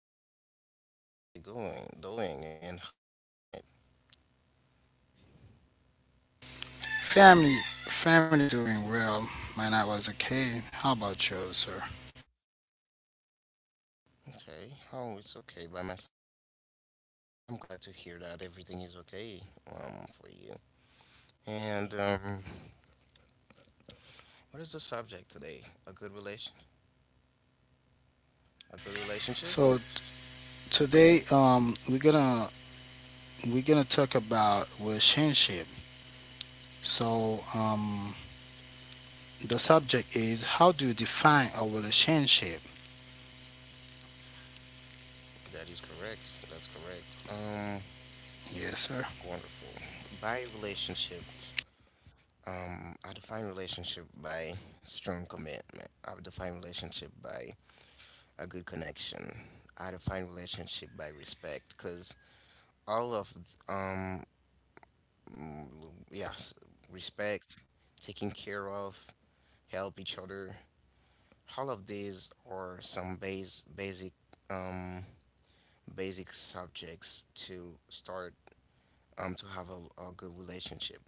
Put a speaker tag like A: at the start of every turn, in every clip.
A: And how is your family going? Doing. And how was your night?
B: Family, family doing well. When I was a kid. How about you, sir?
A: Okay. Oh, it's okay by my side. I'm glad to hear that everything is okay. For you. And what is the subject today? A good relation? A good relationship?
B: So today, we're gonna talk about relationship. So, um, the subject is how do you define a relationship?
A: That is correct. That's correct.
B: Yes, sir.
A: Wonderful. By relationship, I define relationship by strong commitment. I define relationship by a good connection. I define relationship by respect because all of um mm, yes respect, taking care of, help each other. All of these are some base basic um basic subjects to start to have a good relationship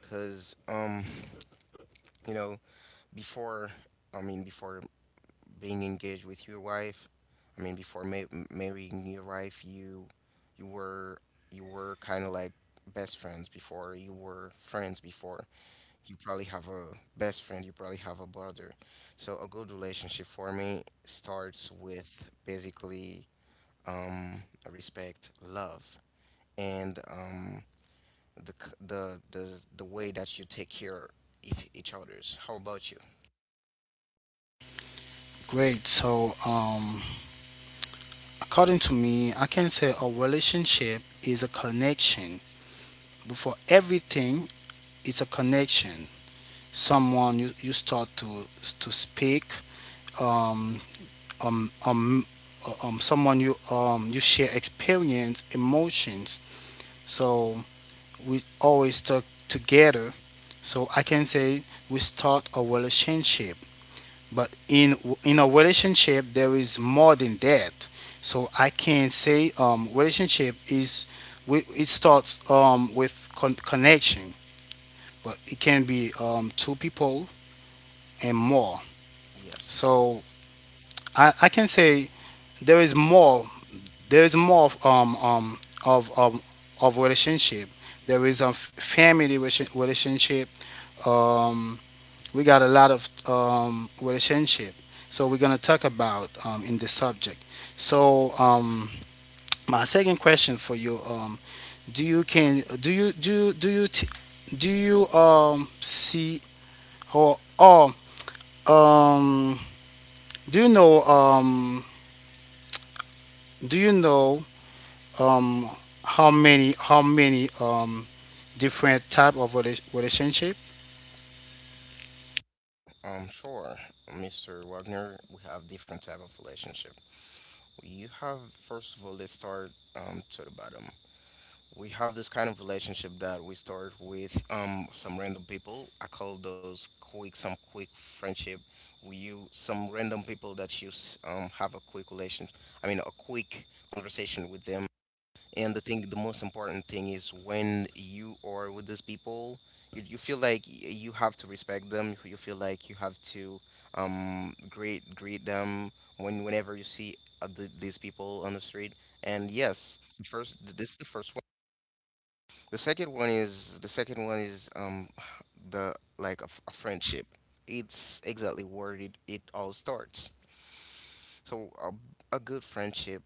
A: because you know before before being engaged with your wife. I mean, before marrying your wife, you were kind of like best friends before. You were friends before. You probably have a best friend. You probably have a brother. So a good relationship for me starts with basically um, respect, love, and the the way that you take care of each other's. How about you?
B: Great. So, according to me, I can say a relationship is a connection. Before everything, it's a connection. Someone you start to speak um um um someone you you share experience emotions, so we always talk together, so I can say we start a relationship, but in a relationship there is more than that. So I can say relationship is, we it starts with connection, but it can be two people and more.
A: Yes.
B: So I can say there is more. There is more of, um, of relationship. There is a family relationship. Um, we got a lot of relationship. So we're gonna talk about in this subject. So my second question for you: Do you can do you do you- do you t- do you see or um do you know um do you know um how many different type of relationship?
A: Sure, Mr. Wagner. We have different type of relationship. You have first of all, let's start to the bottom. We have this kind of relationship that we start with some random people. I call those quick some quick friendship. We you some random people that you have a quick relation. I mean a quick conversation with them, and the thing, the most important thing is when you are with these people, you feel like you have to respect them. You feel like you have to greet them whenever you see these people on the street. And yes, the this is the first one. The second one is the second one is the like a friendship. It's exactly where it all starts. So a good friendship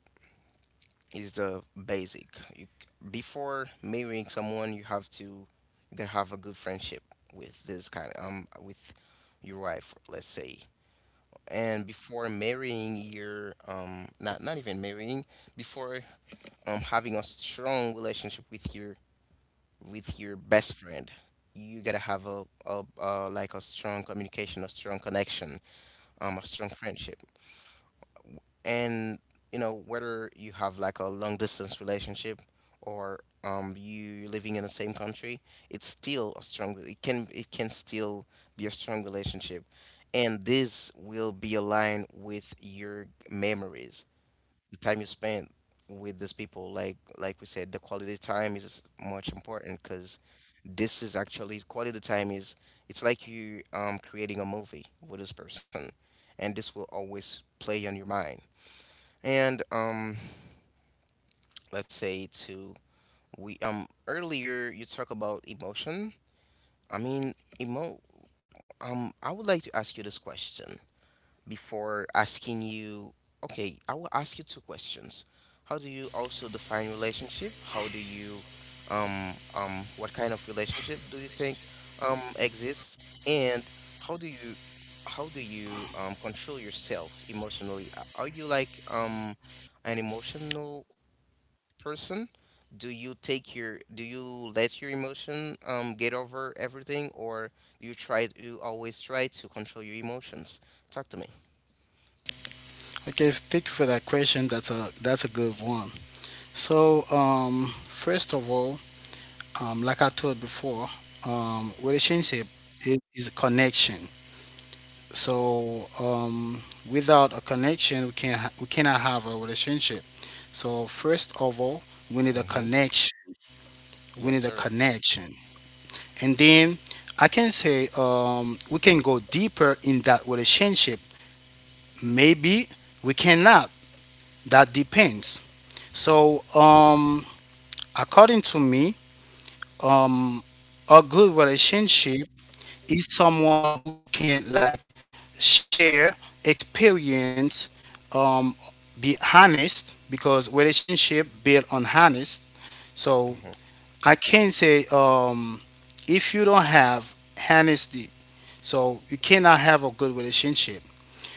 A: is the basic. You, before marrying someone, you gotta have a good friendship with this kind with your wife, let's say. And before marrying your not even marrying, before having a strong relationship with your best friend, you gotta have a like a strong communication, a strong connection, a strong friendship. And you know, whether you have like a long distance relationship or you living in the same country, it's still a strong, it can still be a strong relationship, and this will be aligned with your memories, the time you spent with these people. Like we said, the quality time is much important because this is actually quality time is, it's like you creating a movie with this person, and this will always play on your mind. And let's say to we earlier you talk about emotion. I mean, emo. I would like to ask you this question before asking you. Okay, I will ask you two questions. How do you also define relationship? How do you what kind of relationship do you think exists? And how do you how do you control yourself emotionally? Are you like an emotional person? Do you take your, do you let your emotion get over everything, or do you try you always try to control your emotions? Talk to me.
B: Okay, thank you for that question. That's a good one. So first of all, like I told before, relationship is a connection. So without a connection, we cannot have a relationship. So first of all, we need a
A: Mhm.
B: connection. We
A: Yes,
B: need a
A: sir.
B: connection. And then I can say we can go deeper in that relationship. Maybe we cannot. That depends. So, according to me, um, a good relationship is someone who can like share experience, um, be honest because relationship built on honest. So
A: Mhm.
B: I can say if you don't have honesty, so you cannot have a good relationship.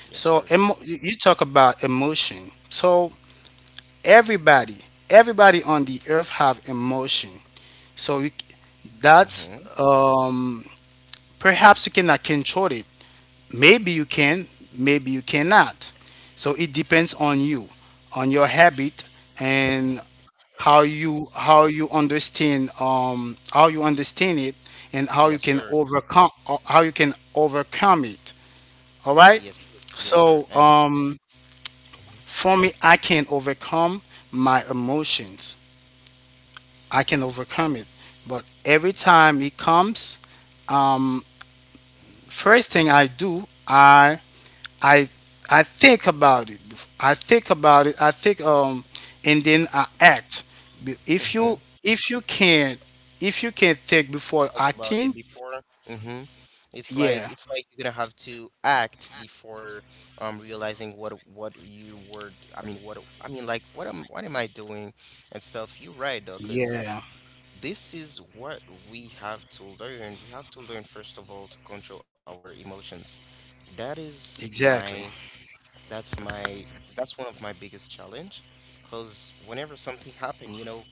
A: Yes,
B: So
A: sir.
B: you you talk about emotion. So everybody, everybody on the earth have emotion. So you, that's
A: Mhm.
B: um, perhaps you cannot control it. Maybe you can, maybe you cannot. So it depends on you, on your habit, and how you understand it and how
A: Yes,
B: you can
A: sir.
B: overcome how you can overcome it. All right.
A: Yes, sir. Yes, sir.
B: So
A: And
B: for me, I can overcome my emotions. I can overcome it. But every time it comes, um, first thing I do, I I think about it. I think about it. I think and then I act. If you
A: mm-hmm.
B: if you can if you can think before
A: Think about it
B: acting,
A: before. Mm-hmm.
B: yeah,
A: It's like you're gonna have to act before realizing what you were. I mean, like what am I doing and stuff. You're right though, 'cause
B: yeah,
A: this is what we have to learn. We have to learn first of all to control our emotions. That is
B: exactly.
A: my that's my, that's one of my biggest challenge because whenever something happen, you know,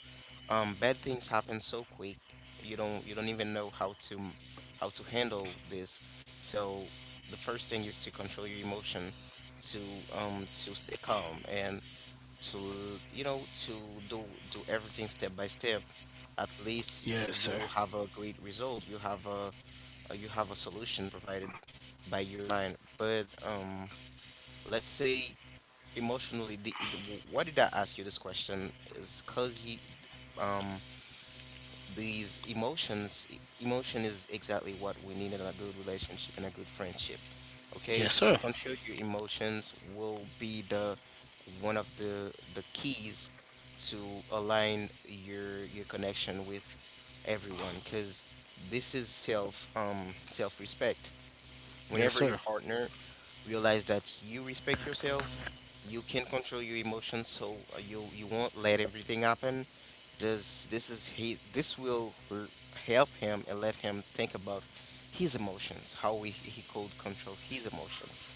A: bad things happen so quick. You don't even know how to how to handle this. So the first thing is to control your emotion, to stay calm, and to, you know, to do everything step by step, at least
B: Yes,
A: you
B: sir.
A: will have a great result, you have a solution provided by your mind. But let's say emotionally why did I ask you this question is because you um these emotions emotion is exactly what we need in a good relationship and a good friendship, okay?
B: Yes, sir.
A: Control your emotions will be the one of the keys to align your connection with everyone, because this is self self-respect.
B: Yes,
A: Whenever your
B: sir.
A: partner realize that you respect yourself, you can control your emotions, so you you won't let everything happen. Does this is he this will help him and let him think about his emotions, how we, he could control his emotions.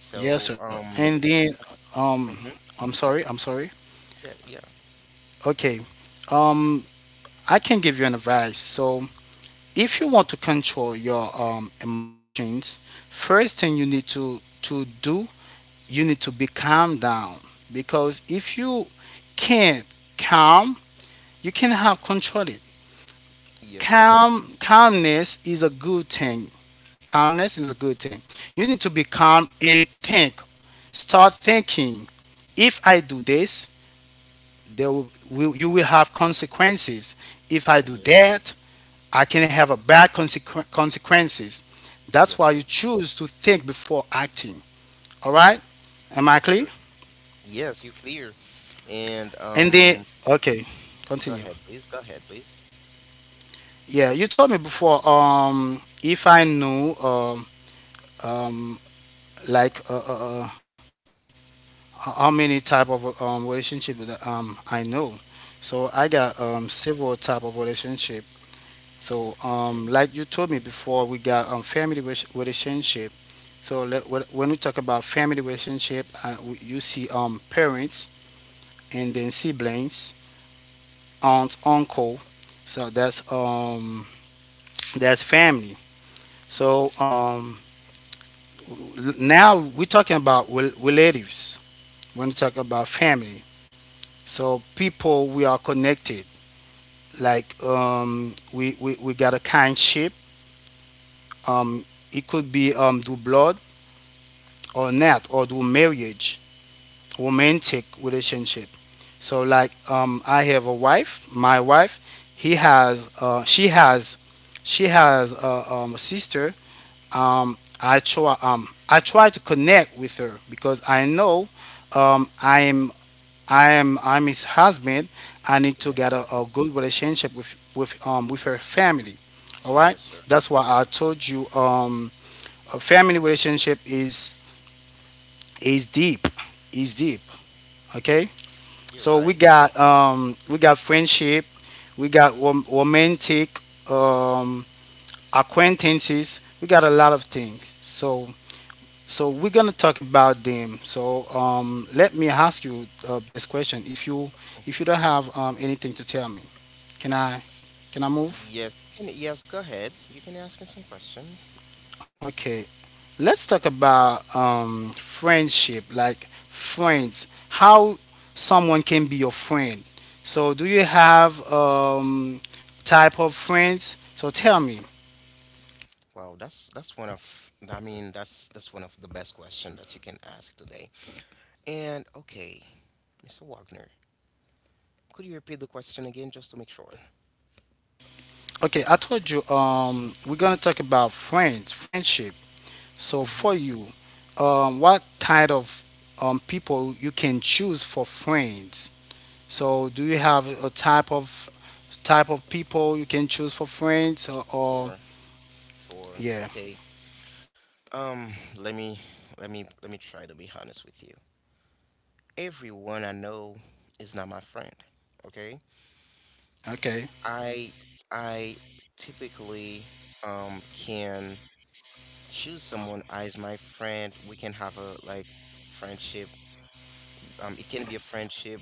A: So,
B: Yes, sir. And then, um,
A: mhm,
B: I'm sorry, I'm sorry.
A: yeah, yeah,
B: Okay. Um, I can give you an advice. So, if you want to control your emotions, first thing you need to do, you need to be calm down, because if you can't calm, you can have control it.
A: yes, sir,
B: Calmness is a good thing. Calmness is a good thing. You need to be calm and think. Start thinking. If I do this, will you will have consequences. If I do
A: yes,
B: that I can have a bad consequences. That's
A: yes,
B: why
A: sir,
B: you choose to think before acting. All right, am I
A: yes, sir,
B: clear?
A: yes, you clear. And
B: And then okay,
A: go
B: continue.
A: ahead, please, go ahead, please.
B: Yeah, you told me before if I knew um like how many type of relationship that I know, so I got several type of relationship. So, like
A: Okay,
B: you told me before, we got family relationship. So when we talk about family relationship, you see parents and then siblings, aunt, uncle. So that's family. So now we're talking about relatives. When we talk about family, so people we are connected. Like we got a kindship. Um, it could be through blood or not, or do marriage, romantic relationship. So like I have a wife. My wife, he has she has, she has a sister. I try to connect with her because I know um i am I'm his husband. I need to
A: yes,
B: get
A: sir,
B: a good relationship with her family. All right,
A: yes, sir,
B: that's why
A: yes,
B: I told you a family relationship is deep, is deep. Okay.
A: you're
B: So
A: right.
B: we got friendship, we got romantic, um acquaintances, we got a lot of things. So so we're gonna talk about them. So let me ask you this question. If you if you don't have anything to tell me, can i can I move?
A: Yes, you can, yes, go ahead. You can ask me some questions.
B: Okay. Let's talk about friendship, like friends, how someone can be your friend. So, do you have type of friends? So, tell me.
A: Wow, that's one of that's one of the best questions that you can ask today. And okay, Mr. Wagner, could you repeat the question again just to make sure?
B: Okay, I told you we're gonna talk about friends, friendship. So,
A: Mm-hmm.
B: for you, what kind of people you can choose for friends? So, do you have a type of people you can choose for friends, or
A: Sure, sure.
B: yeah,
A: Okay. Um, let me let me try to be honest with you. Everyone I know is not my friend. Okay?
B: okay.
A: I I typically can choose someone as my friend. We can have a like friendship. It can be a friendship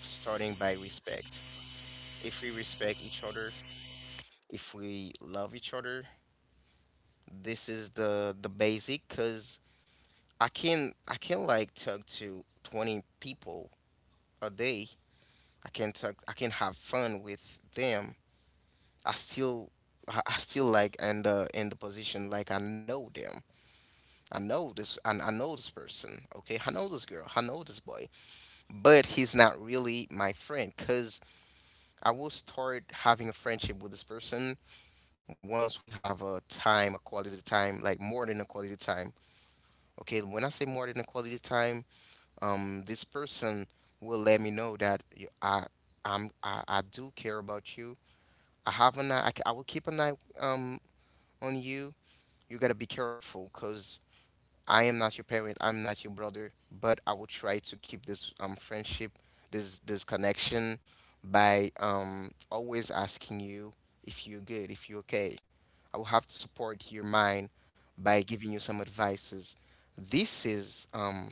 A: starting by respect. If we respect each other, if we love each other, this is the basic because I can like talk to 20 people a day. I can have fun with them. I still I still like in the position like I know them. I know this and I know this person. Okay, I know this girl. I know this boy, but he's not really my friend because I will start having a friendship with this person once we have a time, a quality time, like more than a quality time. Okay, when I say more than a quality time, this person will let me know that you, I, I'm, I do care about you. I have an eye, I will keep an eye um, on you. You gotta be careful because I am not your parent. I'm not your brother, but I will try to keep this friendship, this connection, by always asking you if you're good, if you're okay. I will have to support your mind by giving you some advices. This is um,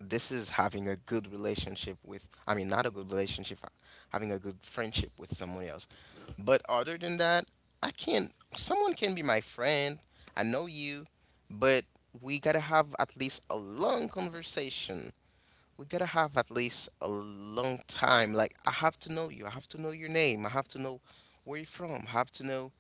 A: this is having a good relationship with, not a good relationship, having a good friendship with someone else. But other than that, I can't someone can be my friend. I know you, but we gotta have at least a long conversation. We gotta have at least a long time, like I have to know you, I have to know your name, I have to know where you're from, I have to know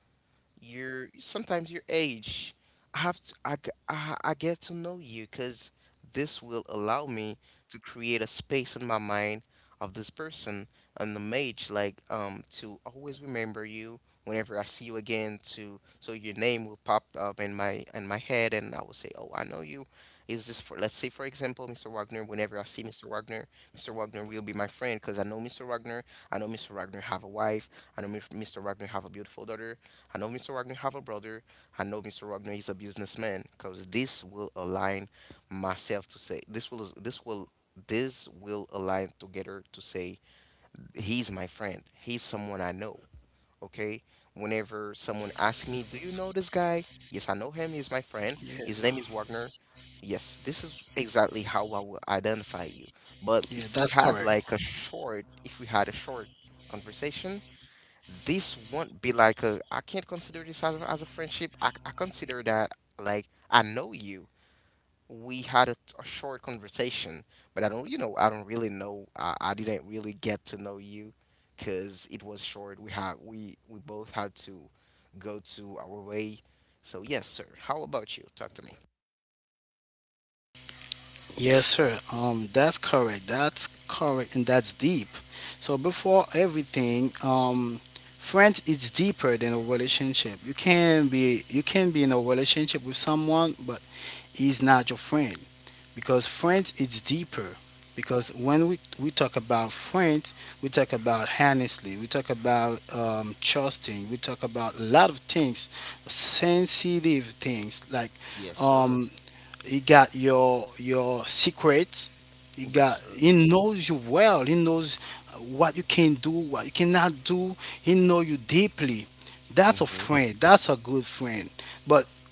A: your sometimes your age. I have to, I, g- I get to know you because this will allow me to create a space in my mind of this person, and the mage, like to always remember you whenever I see you again, to so your name will pop up in my head, and I will say, oh, I know you. Is this for, let's say, for example, Mr. Wagner, whenever I see Mr. Wagner, Mr. Wagner will be my friend because I know Mr. Wagner. I know Mr. Wagner have a wife. I know Mr. Wagner have a beautiful daughter. I know Mr. Wagner have a brother. I know Mr. Wagner is a businessman, because this will align myself to say, this will align together to say he's my friend. He's someone I know. Okay. Whenever someone asks me, "Do you know this guy?" Yes, I know him. He's my friend.
B: Yeah.
A: His name is Wagner. Yes, this is exactly how I will identify you. But
B: Yeah,
A: if
B: that's
A: we had
B: correct.
A: like a short, if we had a short conversation, this won't be like a, I can't consider this as as a friendship. I consider that like I know you. We had a short conversation, but I don't, you know, I don't really know. I didn't really get to know you because it was short. We had we both had to go to our way. So yes, sir. How about you? Talk to me.
B: Yes, sir. That's correct. That's correct, and that's deep. So before everything, friends is deeper than a relationship. You can be in a relationship with someone, but he's not your friend, because friends is deeper. Because when we talk about friends, we talk about honestly, we talk about trusting, we talk about a lot of things, sensitive things like
A: Yes, sir.
B: um, He got your secret.
A: Yes, sir.
B: He knows you well. He knows what you can do, what you cannot do. He know you deeply. That's a
A: Mm-hmm.
B: friend. That's a good friend. But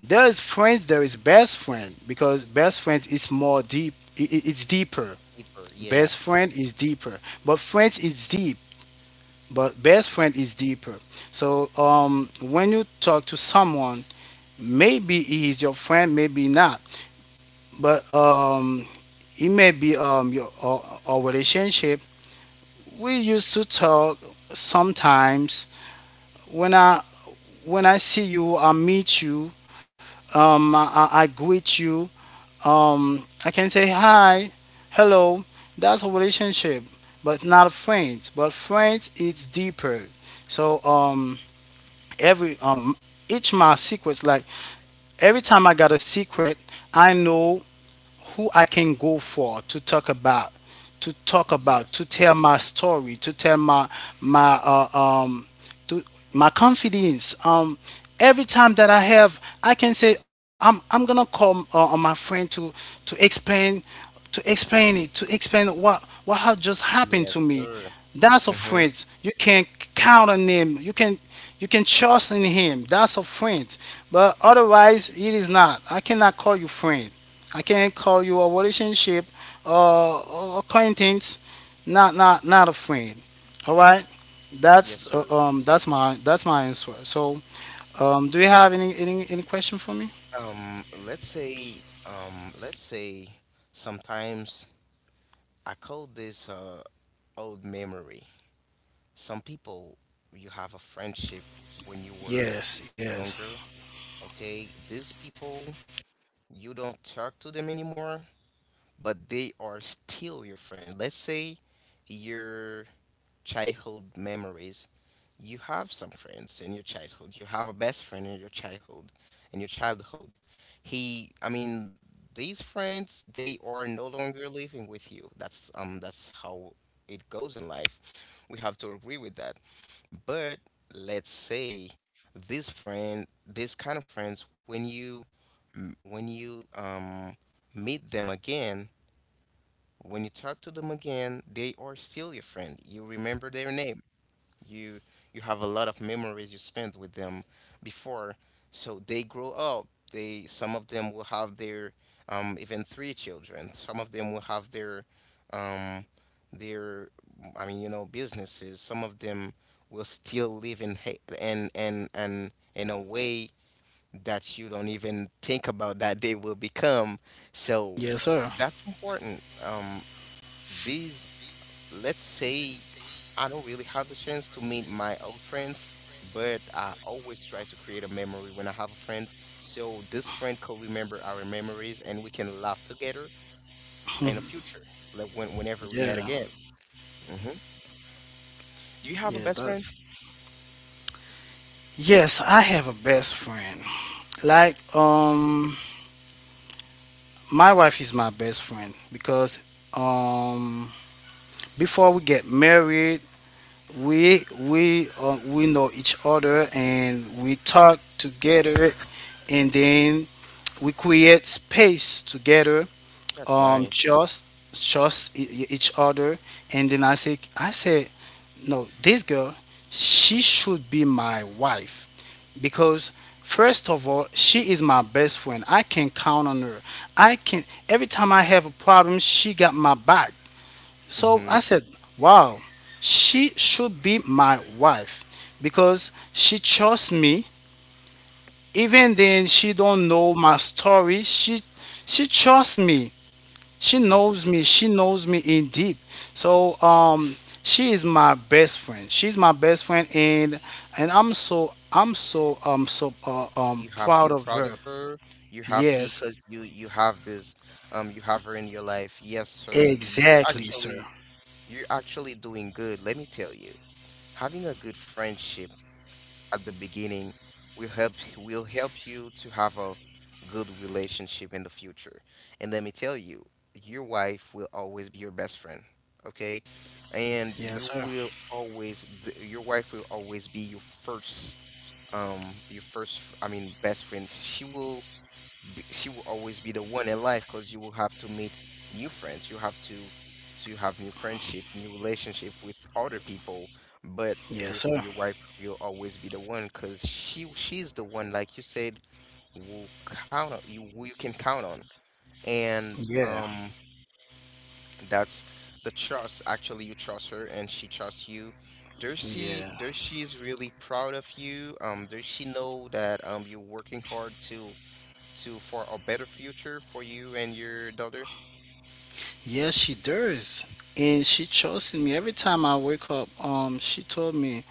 B: there is friends. There is best friend because best friend is more deep. It's deeper.
A: Deeper. Yeah.
B: Best friend is deeper, but friends is deep. But best
A: Yes.
B: friend is deeper. So when you talk to someone, maybe he is your friend, maybe not, but it may be your our relationship. We used to talk sometimes. When I when I see you I meet you, I greet you. I can say hi, hello. That's a relationship, but not friends. But friends it's deeper. So every each my secrets, like every time I got a secret, I know who I can go for to talk about, to talk about,
A: Yes.
B: to tell my story, to tell my my to my confidence. Every time that I have, I can say, oh, I'm gonna call on my friend to explain, to explain it, to explain what had just
A: Yes,
B: happened to me.
A: sir.
B: That's a
A: Mm-hmm.
B: friend. You can count on him. You can trust in him. That's a friend. But otherwise, it is not. I cannot call you friend. I can't call you a relationship or acquaintance, not a friend. All right,
A: Yes,
B: that's
A: sir.
B: that's my answer. So, do you have any question for me?
A: Let's say sometimes I call this old memory. Some people, you have a friendship when you were
B: Yes, yes,
A: younger, okay? These people, you don't talk to them anymore, but they are still your friend. Let's say your childhood memories. You have some friends in your childhood. You have a best friend in your childhood. I mean, these friends, they are no longer living with you. That's how it goes in life. We have to agree with that. But let's say this friend, this kind of friends, when you meet them again, when you talk to them again, they are still your friend. You remember their name. You you have a lot of memories you spent with them before. So they grow up. They Some of them will have their even three children. Some of them will have um, their I mean, businesses. Some of them will still live in ha- and in a way that you don't even think about, that they will become. So
B: yes, sir.
A: that's important. These, let's say, I don't really have the chance to meet my old friends, but I always try to create a memory when I have a friend. So this friend could remember our memories, and we can laugh together in the future, like whenever we met
B: Yeah,
A: again. Hmm. Do you have a
B: yeah,
A: best friend?
B: that's. Yes, I have a best friend. Like, my wife is my best friend because, um, before we get married, we know each other and we talk together, and then we create space together,
A: That's nice.
B: just each other. And then I say, no, this girl, she should be my wife, because first of all she is my best friend. I can count on her. I can Every time I have a problem she got my back. So
A: Hmm.
B: I said, wow, she should be my wife because she trusts me. Even then she don't know my story. She trusts me. She
A: Yes,
B: knows me.
A: sir.
B: She knows me in deep. So she is my best friend. She's my best friend, and I'm so
A: You happy?
B: proud
A: You're
B: of
A: proud
B: her.
A: of her. You're happy
B: Yes,
A: because you have you have her in your life. Yes, sir. You're
B: exactly, sir.
A: actually you're actually doing good. Let me tell you. Having a good friendship at the beginning will help you to have a good relationship in the future. And let me tell you, your wife will always be your best friend, okay? And
B: Yes, sir.
A: your wife will always be your first, I mean, best friend. She will always be the one in life, because you will have to meet new friends. You have to have new friendship, new relationship with other people. But your
B: Yes, sir.
A: your wife will always be the one, because she's the one, like you said, will count on you, who you can count on, and
B: Yeah.
A: that's the trust. Actually, you trust her, and she trusts you.
B: Yeah.
A: There she is really proud of you. There she know that you're working hard to for a better future for you and your daughter?
B: Yes, she does. And she trusts in me. Every time I wake up, she told me,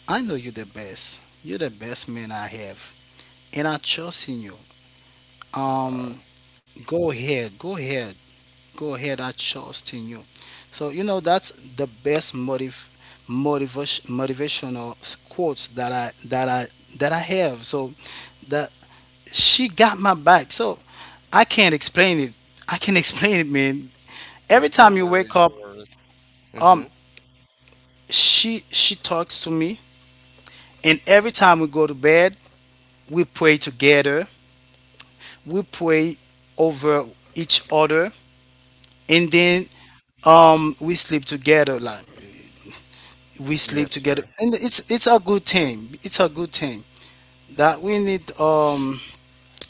B: I know you're the best. You're the best man I have. And I trust in you. Um,
A: Wow.
B: go ahead, go ahead, go ahead, I trust in you. So you know that's the best motive motivation motivational quotes that I that I that I have. So that she got my back. So I can't explain it. I can't explain it, man. Every
A: Yes, no
B: time you wake
A: worries, no
B: up,
A: worries. Mm-hmm.
B: um, she talks to me, and every time we go to bed, we pray together. We pray over each other, and then we sleep together. Like we
A: Yes,
B: sleep together,
A: sir.
B: and it's a good thing. It's a good thing that we need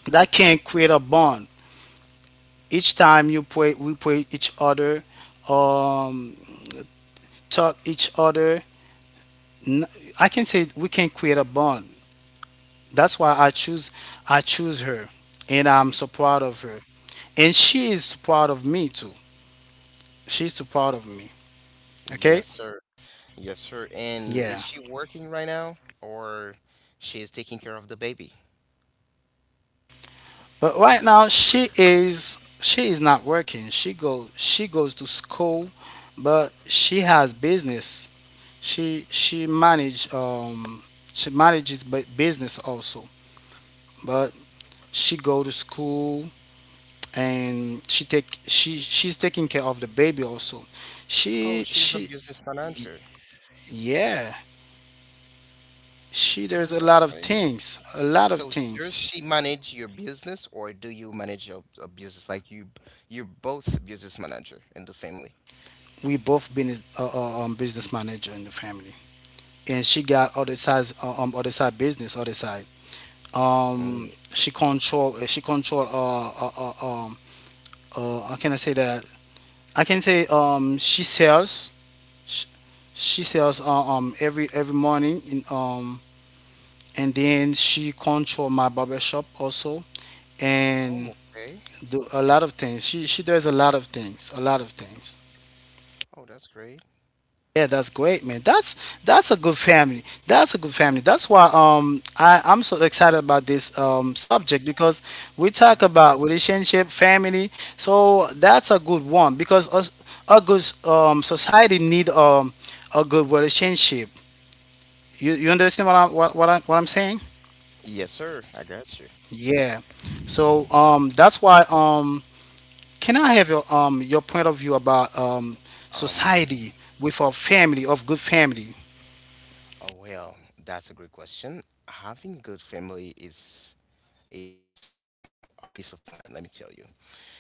B: that can create a bond. Each time you pray, we pray each other, um talk each other. N- I can say we can create a bond. That's why I choose her, and I'm
A: Y-
B: so proud of her, and she is proud of me too. She's too proud of me. Okay,
A: Yes, sir. Yes, sir.
B: yeah.
A: And is she working right now, or she is taking care of the baby?
B: But right now she is not working. She goes to school, but she has business. She she manage um she manages business also, but she go to school and she's taking care of the baby also.
A: Oh, she's a
B: She
A: business manager.
B: yeah. She there's
A: Oh,
B: a
A: that's
B: lot of
A: great.
B: things, a lot of
A: So does
B: things.
A: she manage your business, or do you manage your a business? Like you're both business manager in the family.
B: We both been business manager in the family, and she got other sides, other side business, other side. Um,
A: Mm.
B: she control. Uh, um, how can I say that? I can say, she sells. She, she sells every morning in and then she control my barber shop also and
A: Oh, okay.
B: do a lot of things she does a lot of things, a lot of things.
A: Oh, that's great.
B: Yeah, that's
A: That's
B: great,
A: great.
B: man. That's a good family. That's a good family. That's why I'm so excited about this subject because we talk
A: Hmm.
B: about relationship, family. So that's a good one because us, a good society need a good relationship. You understand what I'm what, I, what I'm saying?
A: Yes, sir. I got you.
B: Yeah. So that's why can I have your point of view about
A: Um,
B: society with a family of good family?
A: Oh well, that's a great question. Having good family is it's a peace of mind, let me tell you.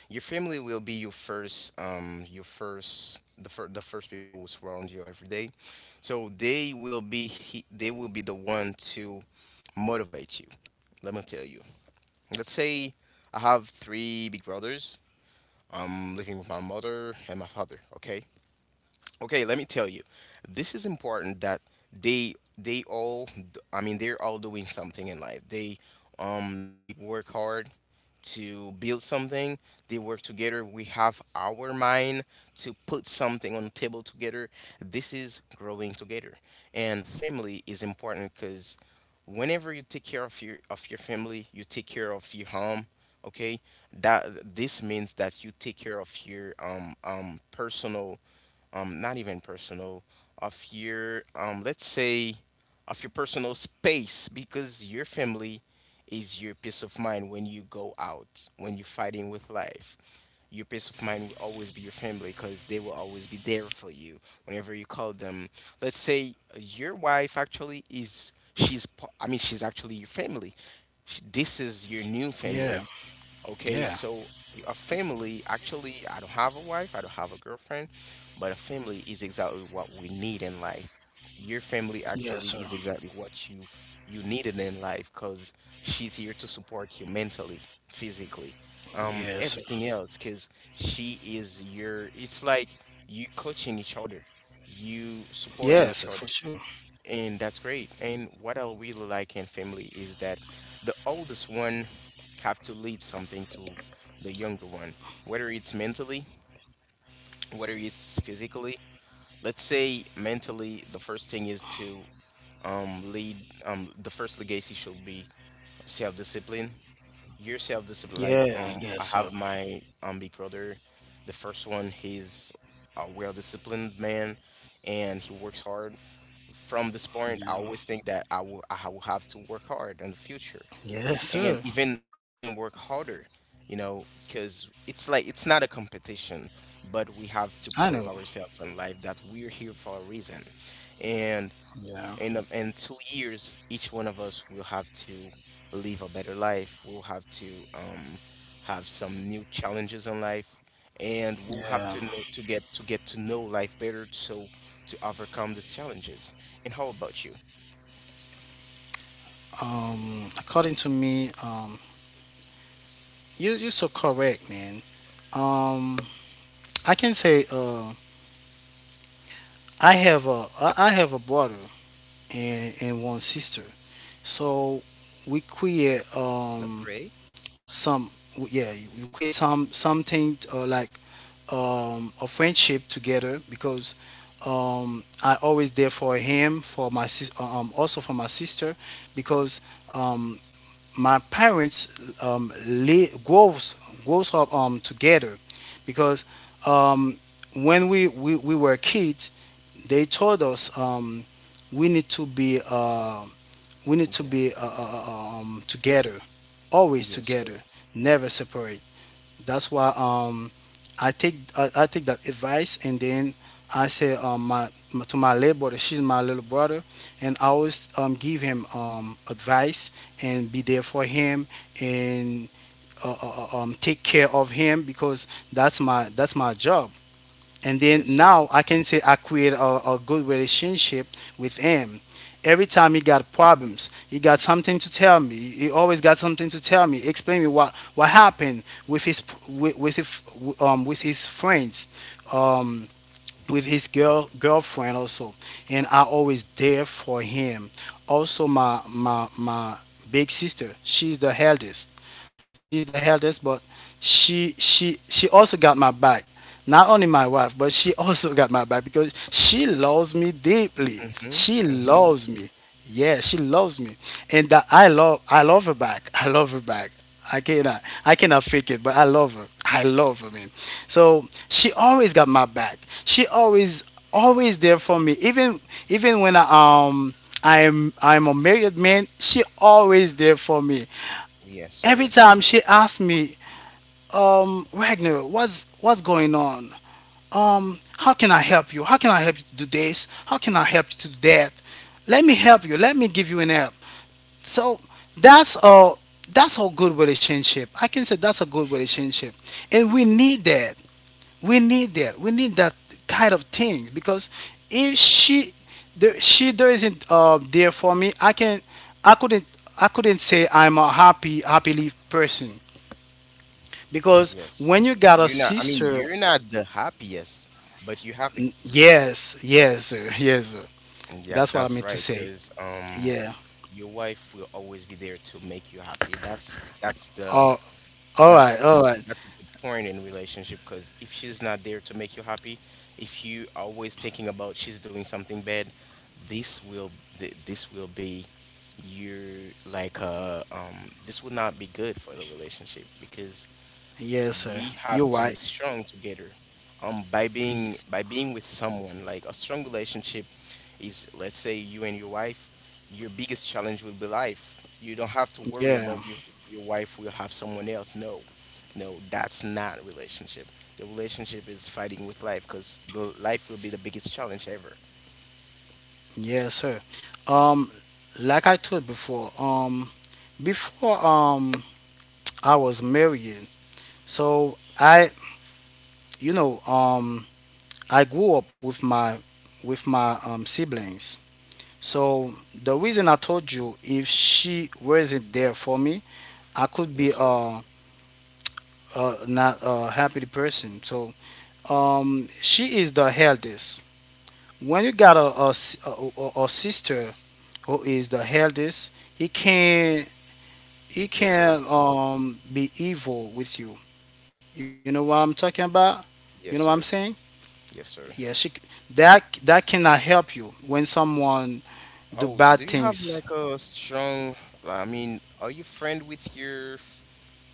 A: Your family will be your first, the first people who surround you every day. So they will be the one to motivate you. Let me tell you. Let's say I have three big brothers. I'm living with my mother and my father, okay? Okay, let me tell you. This is important that they they all they're all doing something in life. They work hard to build something. They work together. We have our mind to put something on the table together. This is growing together. And family is important, cuz whenever you take care of your family, you take care of your home, okay? That This means that you take care of your personal, not even personal, of your, let's say, of your personal space, because your family is your peace of mind when you go out, when you're fighting with life. Your peace of mind will always be your family, because they will always be there for you whenever you call them. Let's say your wife actually I mean, she's actually your family. This is your new
B: Yeah.
A: family. Okay,
B: Yeah.
A: so a family, actually, I don't have a wife, I don't have a girlfriend, but a family is exactly what we need in life. Your family
B: Yes,
A: actually
B: sir.
A: is exactly what you needed in life, because she's here to support you mentally, physically,
B: Yes, sir.
A: everything else, because it's like you coaching each other, you supporting
B: Yes,
A: each
B: sir, for
A: other.
B: sure.
A: And that's great. And what I really like in family is that the oldest one have to lead something to the younger one, whether it's mentally, whether it's physically. Let's say mentally, the first thing is to lead. The first legacy should be self-discipline. Your self-discipline,
B: Yeah,
A: like
B: yes,
A: I
B: sir.
A: have my big brother. The first one, he's a well-disciplined man, and he works hard. From this point, I
B: Yeah,
A: always think that I will have to work hard in the future,
B: yes,
A: and
B: sir.
A: even work harder, because it's like, it's not a competition, but we have to
B: I know.
A: prove ourselves in life that we're here for a reason. And
B: Yeah,
A: in 2 years, each one of us will have to live a better life. We'll have to have some new challenges in life, and we'll have
B: yeah.
A: to get to know life better, so to overcome these challenges. And how about you?
B: According to me, you you're so correct, man. Um, I can say, I have a I have a brother and one sister. So we create
A: That's great.
B: some yeah you create some something like, a friendship together because I always there for him for my also for my sister because, um, my parents, um, li- grows grows up together because, um, when we were kids they told us, we need to be we need to
A: Yeah.
B: be together, always
A: Yes, sir.
B: together, never separate. That's why, I take that advice, and then I say, my, my to my little brother, she's my little brother, and I always, give him, advice and be there for him and take care of him because that's my job, and
A: Yes,
B: then
A: sir.
B: now I can say I create a good relationship with him. Every time he got problems, he got something to tell me. He always got something to tell me, explain me what happened with his with his with his friends, um with his girlfriend also, and I always there for him. Also, my big sister, she's the eldest. She's the eldest, but she also got my back. Not only my wife, but she also got my back because she loves me deeply.
A: Mm-hmm.
B: She
A: Mm-hmm.
B: loves me. Yeah, she loves me, and that I love her back. I love her back. I cannot fake it, but I love her. I love her, man. So she always got my back. She always always there for me. Even when um I'm a married man, she always there for me.
A: Yes,
B: Every
A: sir.
B: time she asks me, Wagner, what's going on? How can I help you? How can I help you to do this? How can I help you to do that? Let me help you. Let me give you an help. So that's a that's a good relationship. I can say that's a good relationship, and we need that. We need that. We need that kind of thing because if she there isn't there for me, I couldn't I couldn't say I'm a happy happily person. Because
A: Yes.
B: when you got a
A: You're not, I mean,
B: sister,
A: you're not the happiest, but you're happy.
B: yes, yes, sir, yes, sir.
A: Yes,
B: That's what I
A: that's
B: meant to
A: right.
B: say.
A: Because.
B: Yeah.
A: Your wife will always be there to make you happy. That's that's the
B: Oh, all
A: that's
B: right, all
A: the
B: right.
A: that's a good point in relationship, because if she's not there to make you happy, if you are always thinking about she's doing something bad, this will th- this will be this will not be good for the relationship, because
B: Yes, sir.
A: we
B: You're
A: have to
B: right.
A: be strong together.
B: Y-
A: By being with someone, like, a strong relationship is, let's say, you and your wife, your biggest challenge will be life. You don't have to worry
B: Yeah,
A: about your wife will have someone else. No, no, that's not relationship. The relationship is fighting with life, because the life will be the biggest challenge ever.
B: yes, sir. Um, like I told before, before um I was married, so I, you know, I grew up with my siblings. So the reason I told you, if she wasn't there for me, I could
A: Yes,
B: be
A: sir.
B: not a happy person. So she is the eldest. When you got a, s- a sister who is the eldest, he
A: Yes, sir.
B: can be evil with you. You know what I'm talking about? You know what I'm
A: Yes,
B: saying?
A: sir. Yes,
B: Yeah,
A: sir.
B: that cannot help you when someone do
A: Oh,
B: bad
A: do you have
B: things.
A: like a strong, I mean, are you friend with your f-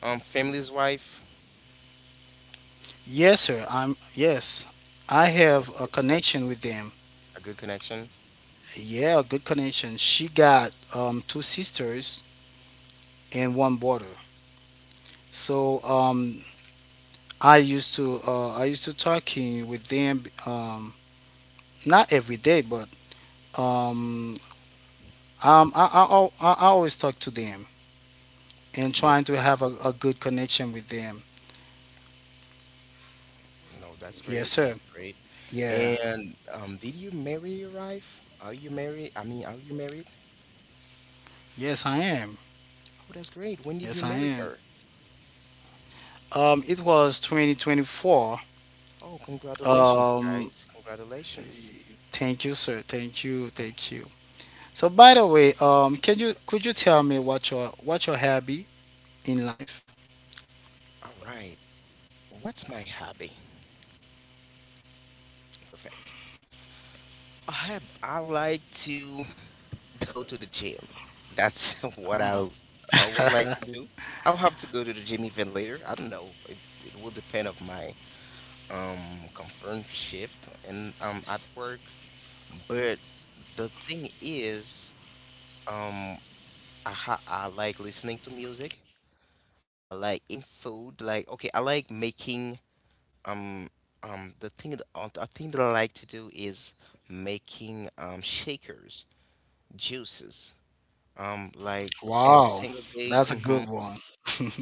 A: Um, family's wife,
B: Yes, sir. I'm yes. I
A: a
B: have a connection with them.
A: a good connection?
B: Yeah, good connection. She got, two sisters and one brother. So, I used to talking with them, not every day, but, um, I, al- I always talk to them and
A: Yes,
B: trying to
A: sir.
B: have a good connection with them.
A: No, that's
B: Yes,
A: great.
B: sir.
A: That's great.
B: Yeah.
A: And did you marry your wife? Are you married? I mean, are you married?
B: Yes, I am.
A: Oh, that's great. When did
B: Yes,
A: you
B: I
A: marry
B: am.
A: her?
B: It was 2024.
A: Oh, congratulations,
B: Um,
A: guys. Congratulations.
B: thank you, sir. Thank you.
A: Mm,
B: Thank you. So by the way, can you could you tell me what your hobby in life?
A: all right. What's my hobby? Perfect. I like to go to the gym. That's what I always like to do. I'll have to go to the gym even later. I don't know. It will depend of my confirmed shift and I'm at work, but the thing is, um I like listening to music. I like eating food, like, okay. I like making um the thing that I like to do is making shakers, juices, like every
B: Wow,
A: single day.
B: that's a
A: Mhm.
B: good one.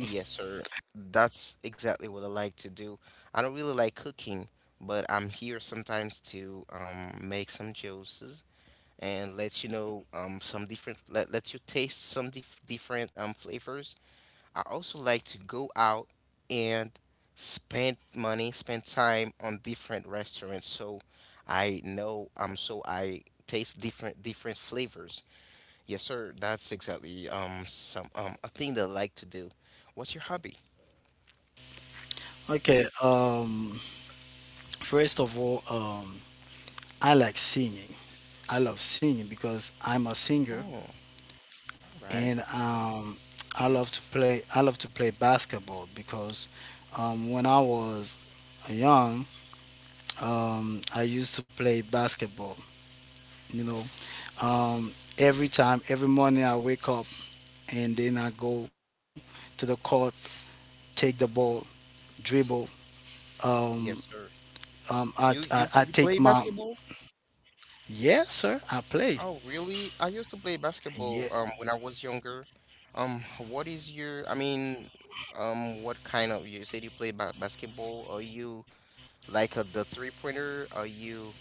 A: sir. That's exactly what I like to do. I don't really like cooking, but I'm here sometimes to make some juices, and let you know some different, let you taste some different, flavors. I also like to go out and spend money, spend time on different restaurants, so I know, so I taste different flavors. Yes, sir. That's exactly some a thing that I like to do. What's your hobby?
B: Okay, first of all, I like singing. I love singing because I'm a singer,
A: Oh, all right.
B: and, I love to play basketball because, when I was young, I used to play basketball. You know, um, every time, every morning I wake up, and then I go to the court, take the ball, dribble. Um,
A: Yes, sir. You you
B: I
A: you
B: take
A: play
B: my
A: basketball?
B: yeah, sir. I play.
A: Oh, really? I used to play
B: Yeah,
A: basketball when I was younger. What is your, I mean, what kind of, you said you play ba basketball. Are you like a, the three pointer? Are you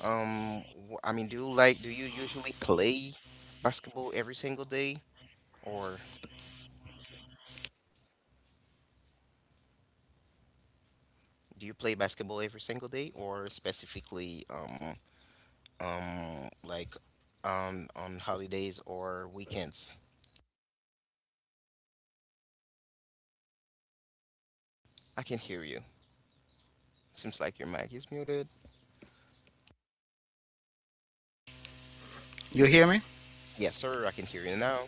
A: um I mean, do you do you usually play basketball every single day, or do you play basketball every single day or specifically like on holidays or weekends? I can hear you. Seems like your mic is muted.
B: you hear me?
A: Yes, sir, I can hear you now.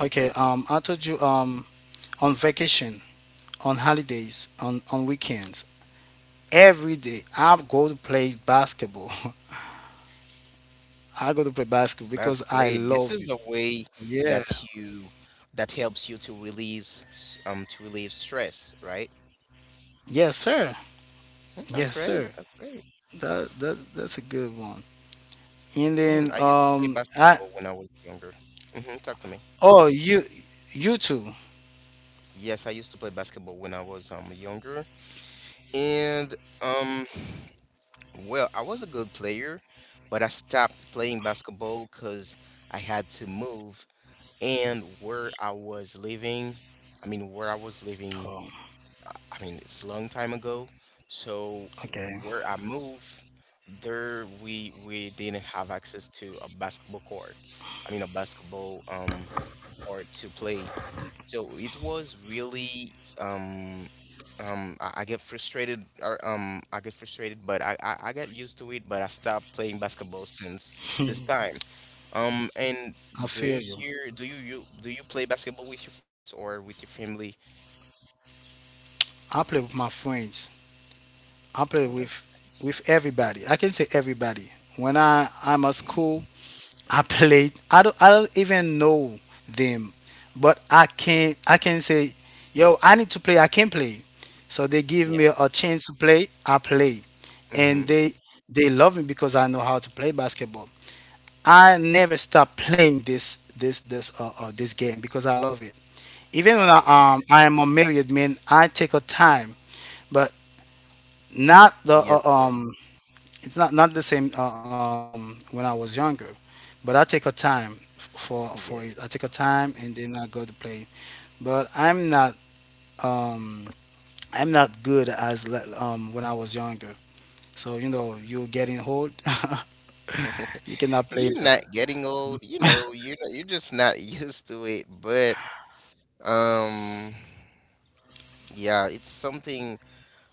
B: Okay. I told you. On vacation, on holidays, on weekends, every day I go to play basketball. I go to play basketball
A: That's
B: because I
A: great. This
B: love
A: is a
B: it.
A: way
B: Yeah.
A: that you that helps you to relieve stress, right?
B: Yes, sir.
A: Mm. That's
B: Yes,
A: great.
B: sir.
A: That's great.
B: That's a good one. And
A: Mm.
B: then
A: I used to play
B: I
A: basketball when I was younger. Talk to me.
B: oh you you too.
A: Yes, I used to play basketball when I was younger, and um well, I was a good player, but I stopped playing basketball because I had to move and where I was living, I mean, where I was living,
B: Oh,
A: I mean, it's a long time ago. So
B: okay.
A: where I moved, there we didn't have access to a basketball court. I mean, a basketball court to play. So it was really um I get frustrated or I get frustrated, but I get used to it. But I stopped playing basketball since this time. And
B: I feel
A: does
B: you.
A: your do you, you do you play basketball with your friends or with your family?
B: I play with my friends. I play
A: Oh, that's
B: with everybody. I can say everybody. When I'm at school, I played. I don't even know them, but I can say, yo, I need to play. I can play. So they give
A: yeah.
B: me a chance to play. I play, and
A: Mm-hmm.
B: they love me because I know how to play basketball. I never stop playing this this game because I love it. Even when
A: Oh,
B: I am unmarried, man, I take a time, but not the
A: yes, sir.
B: It's not the same when I was younger, but I take a time for
A: Yeah.
B: it. I take a time and then I go to play, but um I'm not good as when I was younger. So you know you're getting old, you cannot play
A: You're not
B: that.
A: getting old, you know, you're not, you're just not used to it, but um yeah, it's something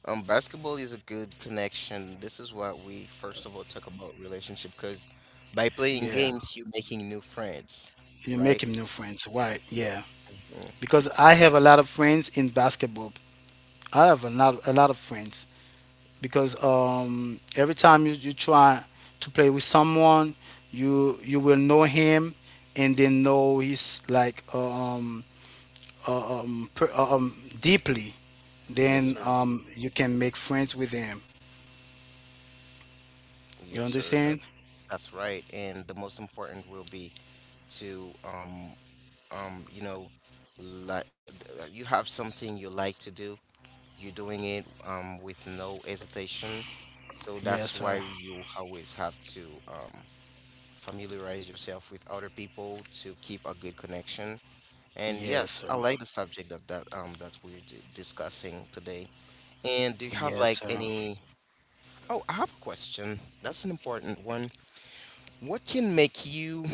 A: basketball is a good connection. This is what we first of all talk about relationship because by playing
B: Yeah,
A: games you're making new friends,
B: you're
A: right?
B: making new friends, right? Yeah,
A: Mhm.
B: because I have a lot of friends in basketball. I have a lot of friends, because, every time you try to play with someone, you will know him and then know his like, uh, um, per, uh, um deeply. Then,
A: Yes, sir.
B: you can make friends with him. You
A: Yes, sir.
B: understand?
A: That's right. And the most important will be to you know, like you have something you like to do, you're doing it with no hesitation. So
B: Yes,
A: that's
B: sir.
A: why you always have to familiarize yourself with other people to keep a good connection. And
B: Yes, sir.
A: yes, I like the subject that we're d discussing today. And do you have
B: Yes,
A: like
B: sir.
A: any— Oh, I have a question. That's an important one. What can make you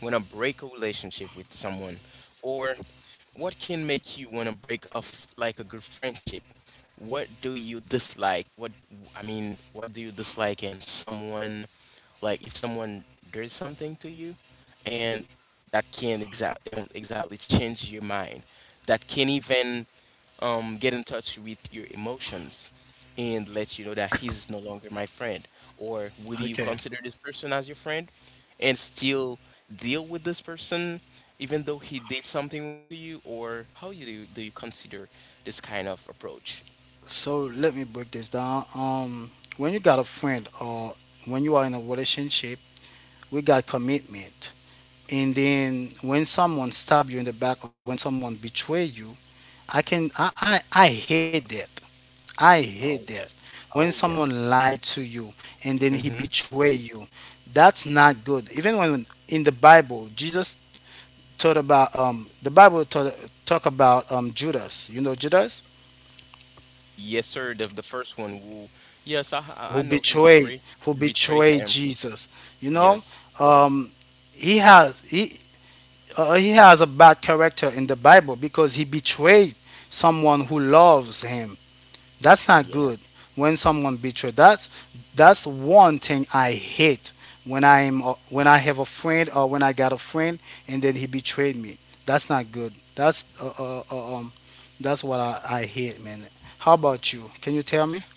A: want to break a relationship with someone, or what can make you want to break off like a good friendship? What do you dislike? What, I mean, what do you dislike in someone? Like, if someone does something to you and that can exactly change your mind, that can even get in touch with your emotions and let you know that he's no longer my friend? Or will you
B: Okay.
A: consider this person as your friend and still deal with this person even though he did something wrong to you? Or how you do, do you consider this kind of approach?
B: So let me break this down. When you got a friend or when you are in a relationship, we got commitment, and then when someone stab you in the back or when someone betray you, I hate that. I hate
A: Oh,
B: that.
A: yes.
B: When
A: Oh,
B: someone
A: yes.
B: lied to you and then he
A: Mm-hmm.
B: betray you, that's not good. Even when in the Bible Jesus taught about the Bible talk about Judas, you know Judas
A: Yes, sir. The first one who, yes, I, I
B: who
A: I know his
B: betrayed
A: story.
B: who
A: You betrayed
B: betrayed
A: him.
B: Jesus, you know.
A: Yes.
B: um he has he he has a bad character in the Bible because he betrayed someone who loves him. That's not
A: Yeah.
B: good when someone betrayed. That's one thing I hate, when I am when I have a friend or when I got a friend and then he betrayed me. That's not good. That's what I hate, man. How about you? Can you tell me?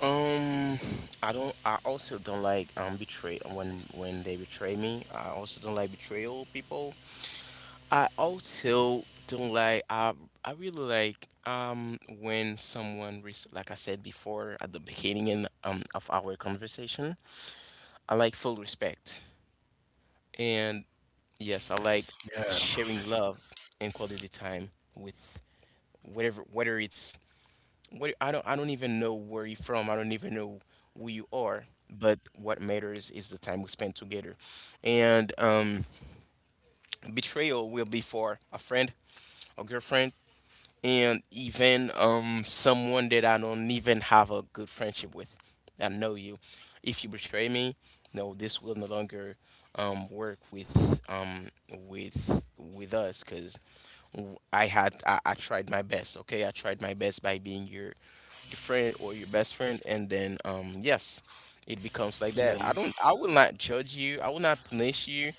A: Um, I don't. I also don't like betray when they betray me. I also don't like betrayal people. I also don't like. I really like when someone res like I said before at the beginning in of our conversation. I like full respect, and yes, I like
B: Yeah.
A: sharing love and quality time with whatever, whether it's— what I don't even know where you're from. I don't even know who you are. But what matters is the time we spend together. And betrayal will be for a friend, a girlfriend, and even someone that I don't even have a good friendship with. I know you. If you betray me, no, this will no longer work with us because I tried my best. Okay, I tried my best by being your friend or your best friend, and then yes, it becomes like
B: Yeah,
A: that. I don't— I will not judge you, I will not punish you,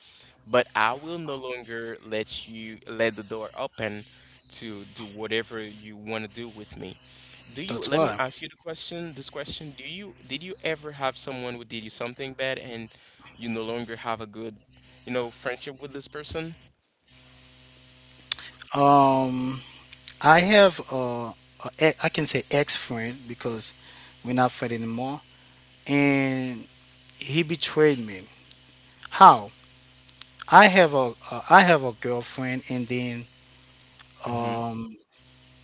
A: but I will no longer let you— let the door open to do whatever you want to do with me. Do you—
B: that's
A: let me
B: why.
A: ask you the question, this question. Do you did you ever have someone who did you something bad and you no longer have a good, you know, friendship with this person?
B: Um, I have a I can say ex friend because we're not friends anymore, and he betrayed me. How? I have a girlfriend, and then,
A: Mm-hmm.
B: um,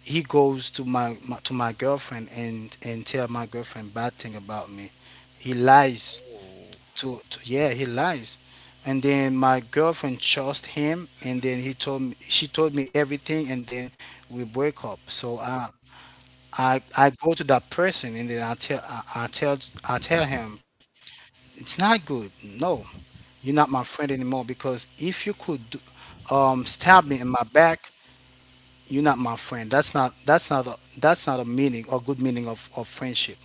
B: he goes to my, my to my girlfriend and tell my girlfriend bad thing about me. He lies
A: Oh,
B: to yeah he lies, and then my girlfriend trust him, and then he told me she told me everything, and then we break up. So I go to that person and then I tell him it's not good. No, you're not my friend anymore because if you could do, stab me in my back, you're not my friend. That's not a meaning or good meaning of friendship.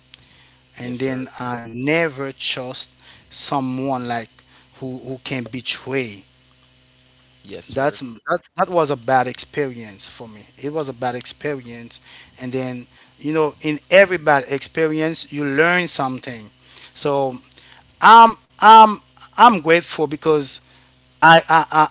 B: And
A: yes,
B: then
A: sir.
B: I never trust someone like who can betray.
A: Yes,
B: That's
A: sir.
B: that was a bad experience for me. It was a bad experience, and then in every bad experience, you learn something. So I'm I'm I'm grateful because I I I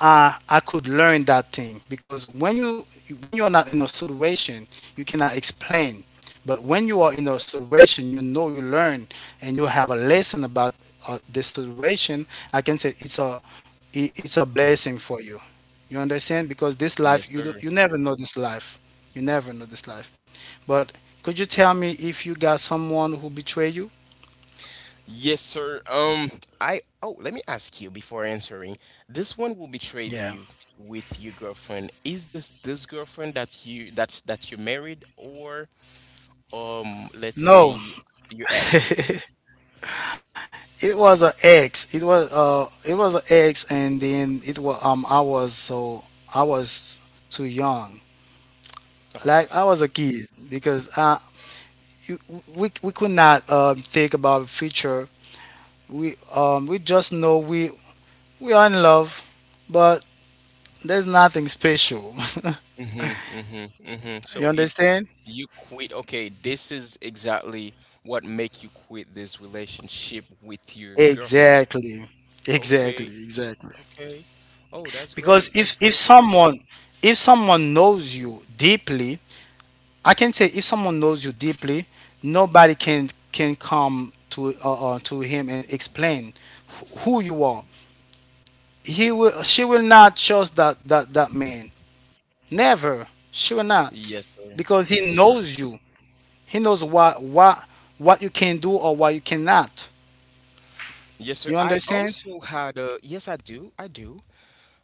B: I could learn that thing because when you are not in a situation, you cannot explain. But when you are in
A: Yes.
B: a situation, you know you learn and you have a lesson about this situation. I can say it's it's a blessing for you. You understand? Because this life,
A: Yes,
B: you
A: sir.
B: don't, you never know this life. You never know this life. But could you tell me if you got someone who betrayed you?
A: Yes, sir. I oh, let me ask you before answering. This one will betrayed
B: Yeah.
A: you with your girlfriend. Is this— this girlfriend that you married, or let's
B: No,
A: say your ex?
B: it was an ex. It was an ex, and then it was I was so I was too young.
A: Okay.
B: Like I was a kid because you, we could not think about future. We just know we are in love, but there's nothing special.
A: Mm-hmm, mm-hmm, mm-hmm.
B: You
A: So it—
B: understand?
A: you quit. Okay, this is exactly what make you quit this relationship with your girlfriend.
B: Exactly. Exactly.
A: Okay,
B: Exactly.
A: okay. Oh, that's
B: Because
A: great.
B: if
A: That's
B: if
A: great.
B: someone if someone knows you deeply, I can say if someone knows you deeply, nobody can come to him and explain who you are. He will she will not trust that man. Never. She will not
A: Yes, sir.
B: because he
A: Yes, sir.
B: knows you. He knows what you can do or what you cannot.
A: Yes, sir.
B: You
A: I
B: understand?
A: also had a— yes, I do. I do.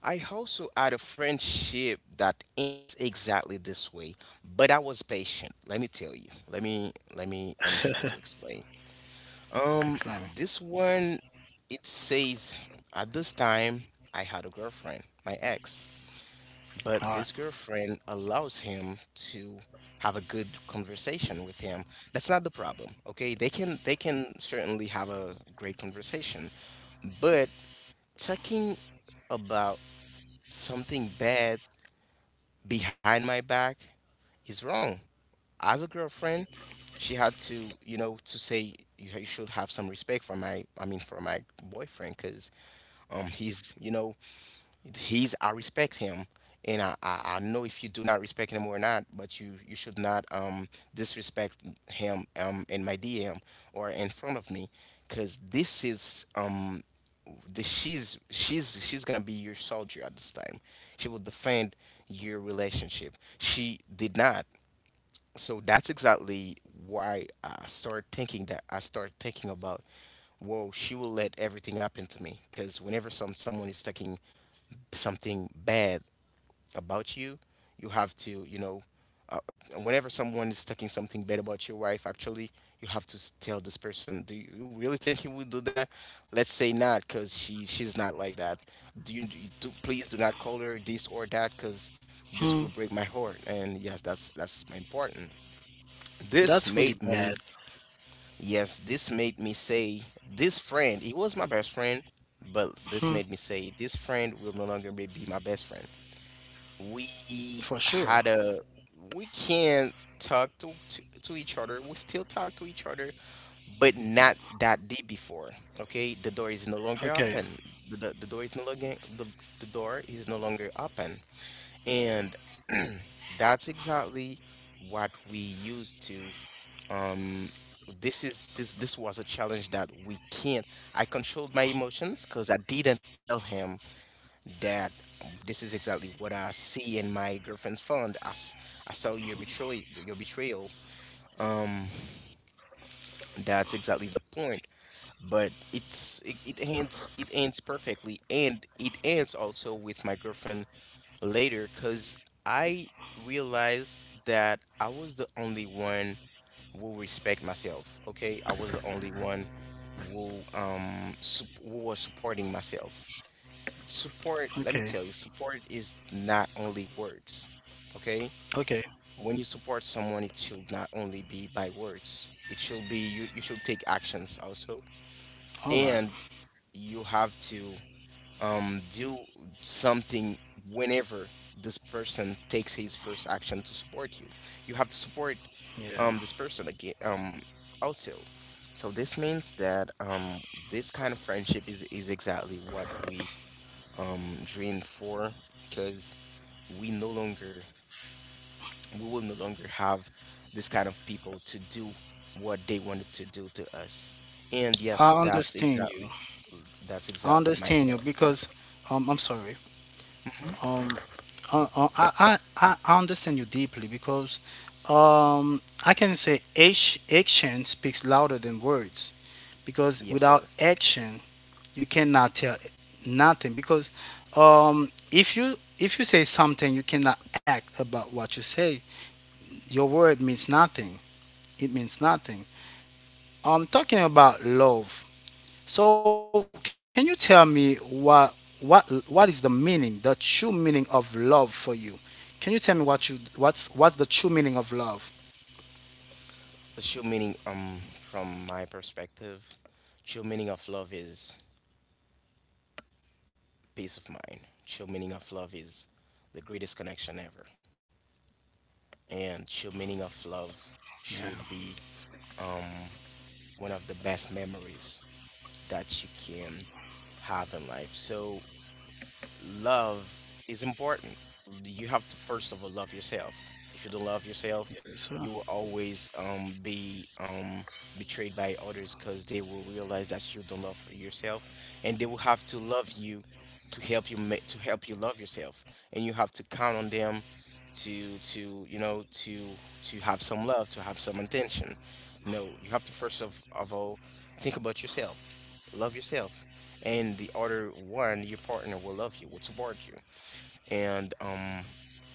A: I also had a friendship that ends exactly this way, but I was patient. Let me tell you. Let me try to explain. Um,
B: Explain.
A: this one, it says, at this time, I had a girlfriend, my ex,
B: All
A: but
B: right.
A: this girlfriend allows him to have a good conversation with him. That's not the problem, okay? They can— they can certainly have a great conversation, but talking about something bad behind my back is wrong. As a girlfriend, she had to, you know, to say, you should have some respect for my— I mean, for my boyfriend, cause he's, you know, he's— I respect him, and I know if you do not respect him or not, but you should not disrespect him in my DM or in front of me, because this is the— she's gonna be your soldier at this time. She will defend your relationship. She did not, so that's exactly why I start thinking that— I start thinking about, whoa, she will let everything happen to me, because whenever someone is taking something bad about you, you have to, you know, uh, whenever someone is talking something bad about your wife, actually, you have to tell this person, do you really think he would do that? Let's say not, cause she— she's not like that. Please do not call her this or that, cause this
B: Hmm.
A: will break my heart. And yes, that's important. This
B: That's really
A: made me—
B: bad.
A: yes, this made me say, this friend, he was my best friend, but this
B: Hmm.
A: made me say, this friend will no longer be my best friend. We
B: For sure.
A: had a— we can talk to each other, we still talk to each other, but not that deep before. Okay, the door is no longer
B: Okay.
A: open. The door is no longer— the— the door is no longer open, and that's exactly what we used to um this is— this was a challenge that we can't. I controlled my emotions because I didn't tell him that this is exactly what I see in my girlfriend's fund. I saw your betrayal, your betrayal. Um, that's exactly the point. But it's— it ends— it ends perfectly, and it ends also with my girlfriend later, cause I realized that I was the only one who respect myself. Okay, I was the only one who was supporting myself. Support, let me
B: Okay.
A: tell you, support is not only words, okay?
B: Okay.
A: When you support someone, it should not only be by words. It should be— you should take actions also.
B: All right.
A: And you have to do something whenever this person takes his first action to support you. You have to support
B: Yeah.
A: this person again also. So this means that this kind of friendship is exactly what we Drain 4, because we no longer— we will no longer have this kind of people to do what they wanted to do to us. And yes,
B: I
A: that's
B: understand you.
A: exactly— that's
B: I
A: exactly my
B: understand you
A: point.
B: because I'm sorry. Um I understand you deeply because I can say action speaks louder than words because
A: Yes,
B: without
A: sir.
B: action you cannot tell nothing because if you say something you cannot act about what you say your word means nothing, it means nothing. I'm talking about love. So can you tell me what what is the meaning, the true meaning of love for you? Can you tell me what you what's the true meaning of love?
A: The true meaning from my perspective, true meaning of love is peace of mind. True meaning of love is the greatest connection ever. And true meaning of love
B: Yeah.
A: should be um one of the best memories that you can have in life. So love is important. You have to first of all love yourself. If you don't love yourself,
B: Yes, sir.
A: you will always be betrayed by others because they will realize that you don't love yourself, and they will have to love you to help you to help you love yourself, and you have to count on them to— to, you know, to— to have some love, to have some attention. No, you have to first of all think about yourself, love yourself, and the other one, your partner, will love you, will support you. And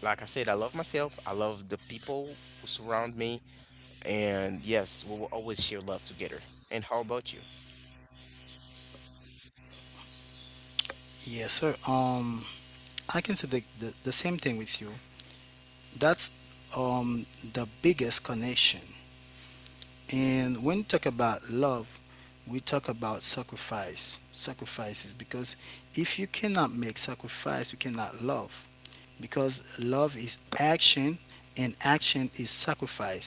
A: like I said, I love myself. I love the people who surround me, and yes, we will always share love together. And how about you?
B: Yes, sir. I can say the same thing with you. That's um the biggest connection. And when you talk about love, we talk about sacrifices, because if you cannot make sacrifice, you cannot love, because love is action and action is sacrifice.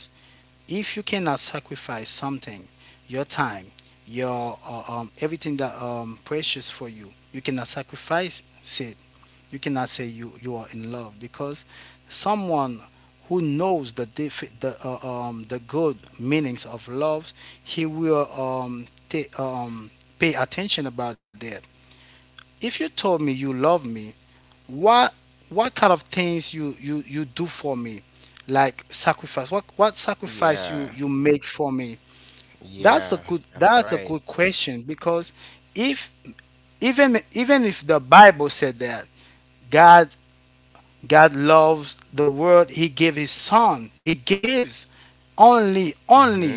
B: If you cannot sacrifice something, your time, your everything that precious for you, you cannot sacrifice it. You cannot say you are in love because someone who knows the diff- the good meanings of love, he will um, pay attention about that. If you told me you love me, what what kind of things you do for me, like sacrifice what sacrifice
A: Yeah,
B: you make for me. That's the
A: yeah,
B: good,
A: that's
B: that's a
A: right.
B: good question because if, even even if the Bible said that god god loves the world, he gave his son, he gives
A: Mm-hmm.
B: only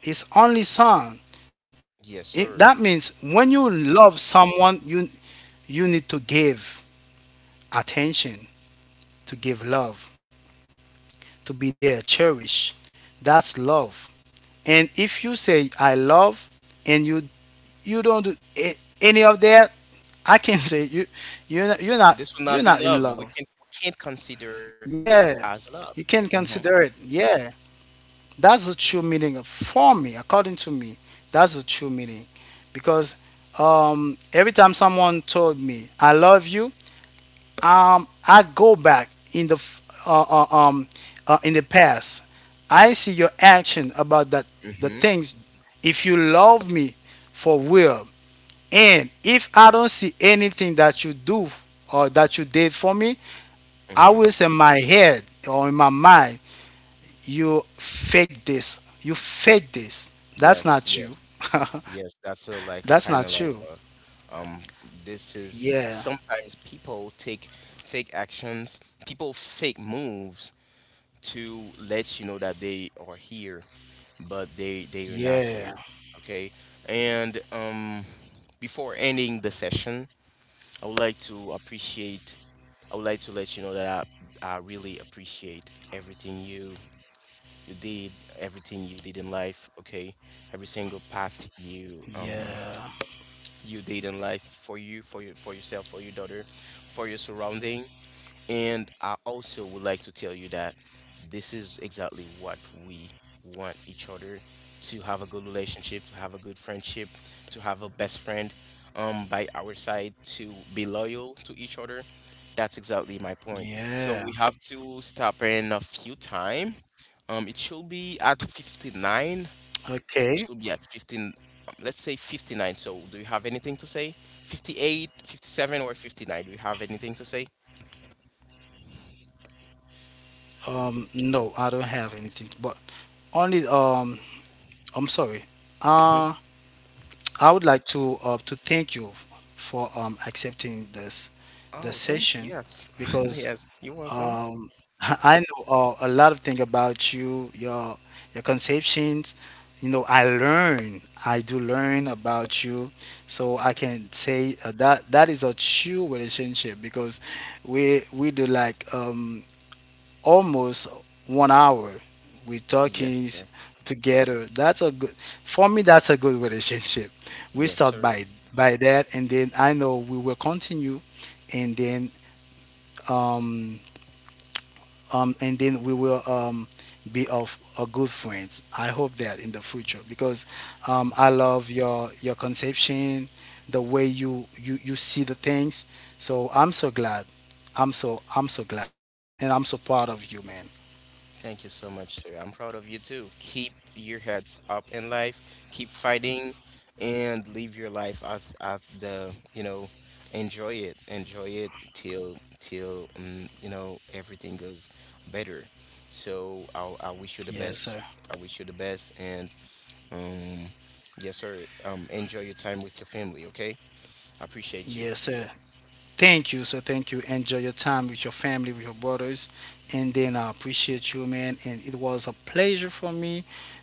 B: his only son. It,
A: Yes,
B: that
A: sir.
B: means when you love someone, you need to give attention, to give love, to be there, cherish. That's love. And if you say I love and you don't do any of that, I can say you you're not,
A: This will not be
B: you're not
A: love.
B: in
A: We can—
B: love.
A: we can't consider this as
B: Yeah.
A: love.
B: You can
A: Mm-hmm.
B: consider it. Yeah. That's the true meaning of, for me, according to me. That's the true meaning. Because every time someone told me I love you, I go back in the past. I see your action about that the
A: Mm-hmm.
B: things. If you love me for real, and if I don't see anything that you do or that you did for me, I
A: Mm-hmm.
B: will say in my head or in my mind, you fake this. You fake this. That's
A: Yes, yes.
B: not you.
A: Yes, that's a—
B: That's
A: like a
B: not
A: kind of
B: you.
A: like a um this is
B: Yeah.
A: sometimes people take fake actions, people fake moves to let you know that they are here, but they— they are not here.
B: Yeah.
A: Okay? And before ending the session, I would like to appreciate— I would like to let you know that I really appreciate everything you— you did, everything you did in life, okay? Every single path you
B: Yeah.
A: you your in life, for you, for you, for yourself, for your daughter, for your surrounding. And I also would like to tell you that this is exactly what we want each other— to have a good relationship, to have a good friendship, to have a best friend by our side, to be loyal to each other. That's exactly my point. So we
B: Yeah.
A: have to stop in a few time. It should be at 59. It
B: Okay.
A: should be at 15, let's say 59. So, do you have anything to say? 58, 57, or 59? Do you have anything to say?
B: No, I don't have anything, but only I'm sorry. Uh, I would like to thank you for accepting this the
A: Oh, thank you.
B: session
A: Yes.
B: because
A: Yes. You're welcome.
B: um, I know a lot of things about you, your conceptions. You know, I learn. I do learn about you, so I can say that that is a true relationship because we do like almost 1 hour. We
A: Yes,
B: talking s-
A: sir.
B: together. That's a good for me. That's a good relationship. We
A: Yes,
B: start
A: sir.
B: by that, and then I know we will continue, and then um and then we will be of a good friends. I hope that in the future because I love your conception, the way you see the things. So I'm so glad. I'm so glad, and I'm so proud of you, man.
A: Thank you so much, sir. I'm proud of you too. Keep your heads up in life, keep fighting, and live your life you know, enjoy it. Enjoy it till you know, everything goes better. So I wish you the
B: Yes, sir.
A: best. I wish you the best, and um yes, sir. Enjoy your time with your family, okay? I appreciate
B: Yes,
A: you.
B: sir. Thank you, sir. Thank you. Enjoy your time with your family, with your brothers. And then I appreciate you, man. And it was a pleasure for me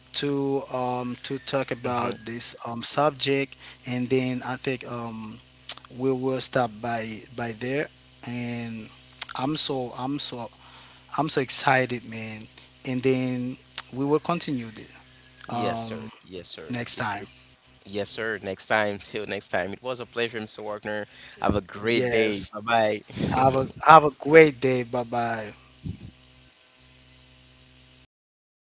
B: to talk about
A: Hmm.
B: this subject. And then I think we will stop by there. And I'm so I'm so I'm so excited, man. And then we will continue this
A: Yes, sir.
B: um,
A: Yes, sir.
B: next
A: It's—
B: time.
A: yes, sir. Next time. Till next time. It was a pleasure, Mr. Wagner. Have a great day.
B: Yes.
A: Bye bye.
B: Have a great day. Bye bye.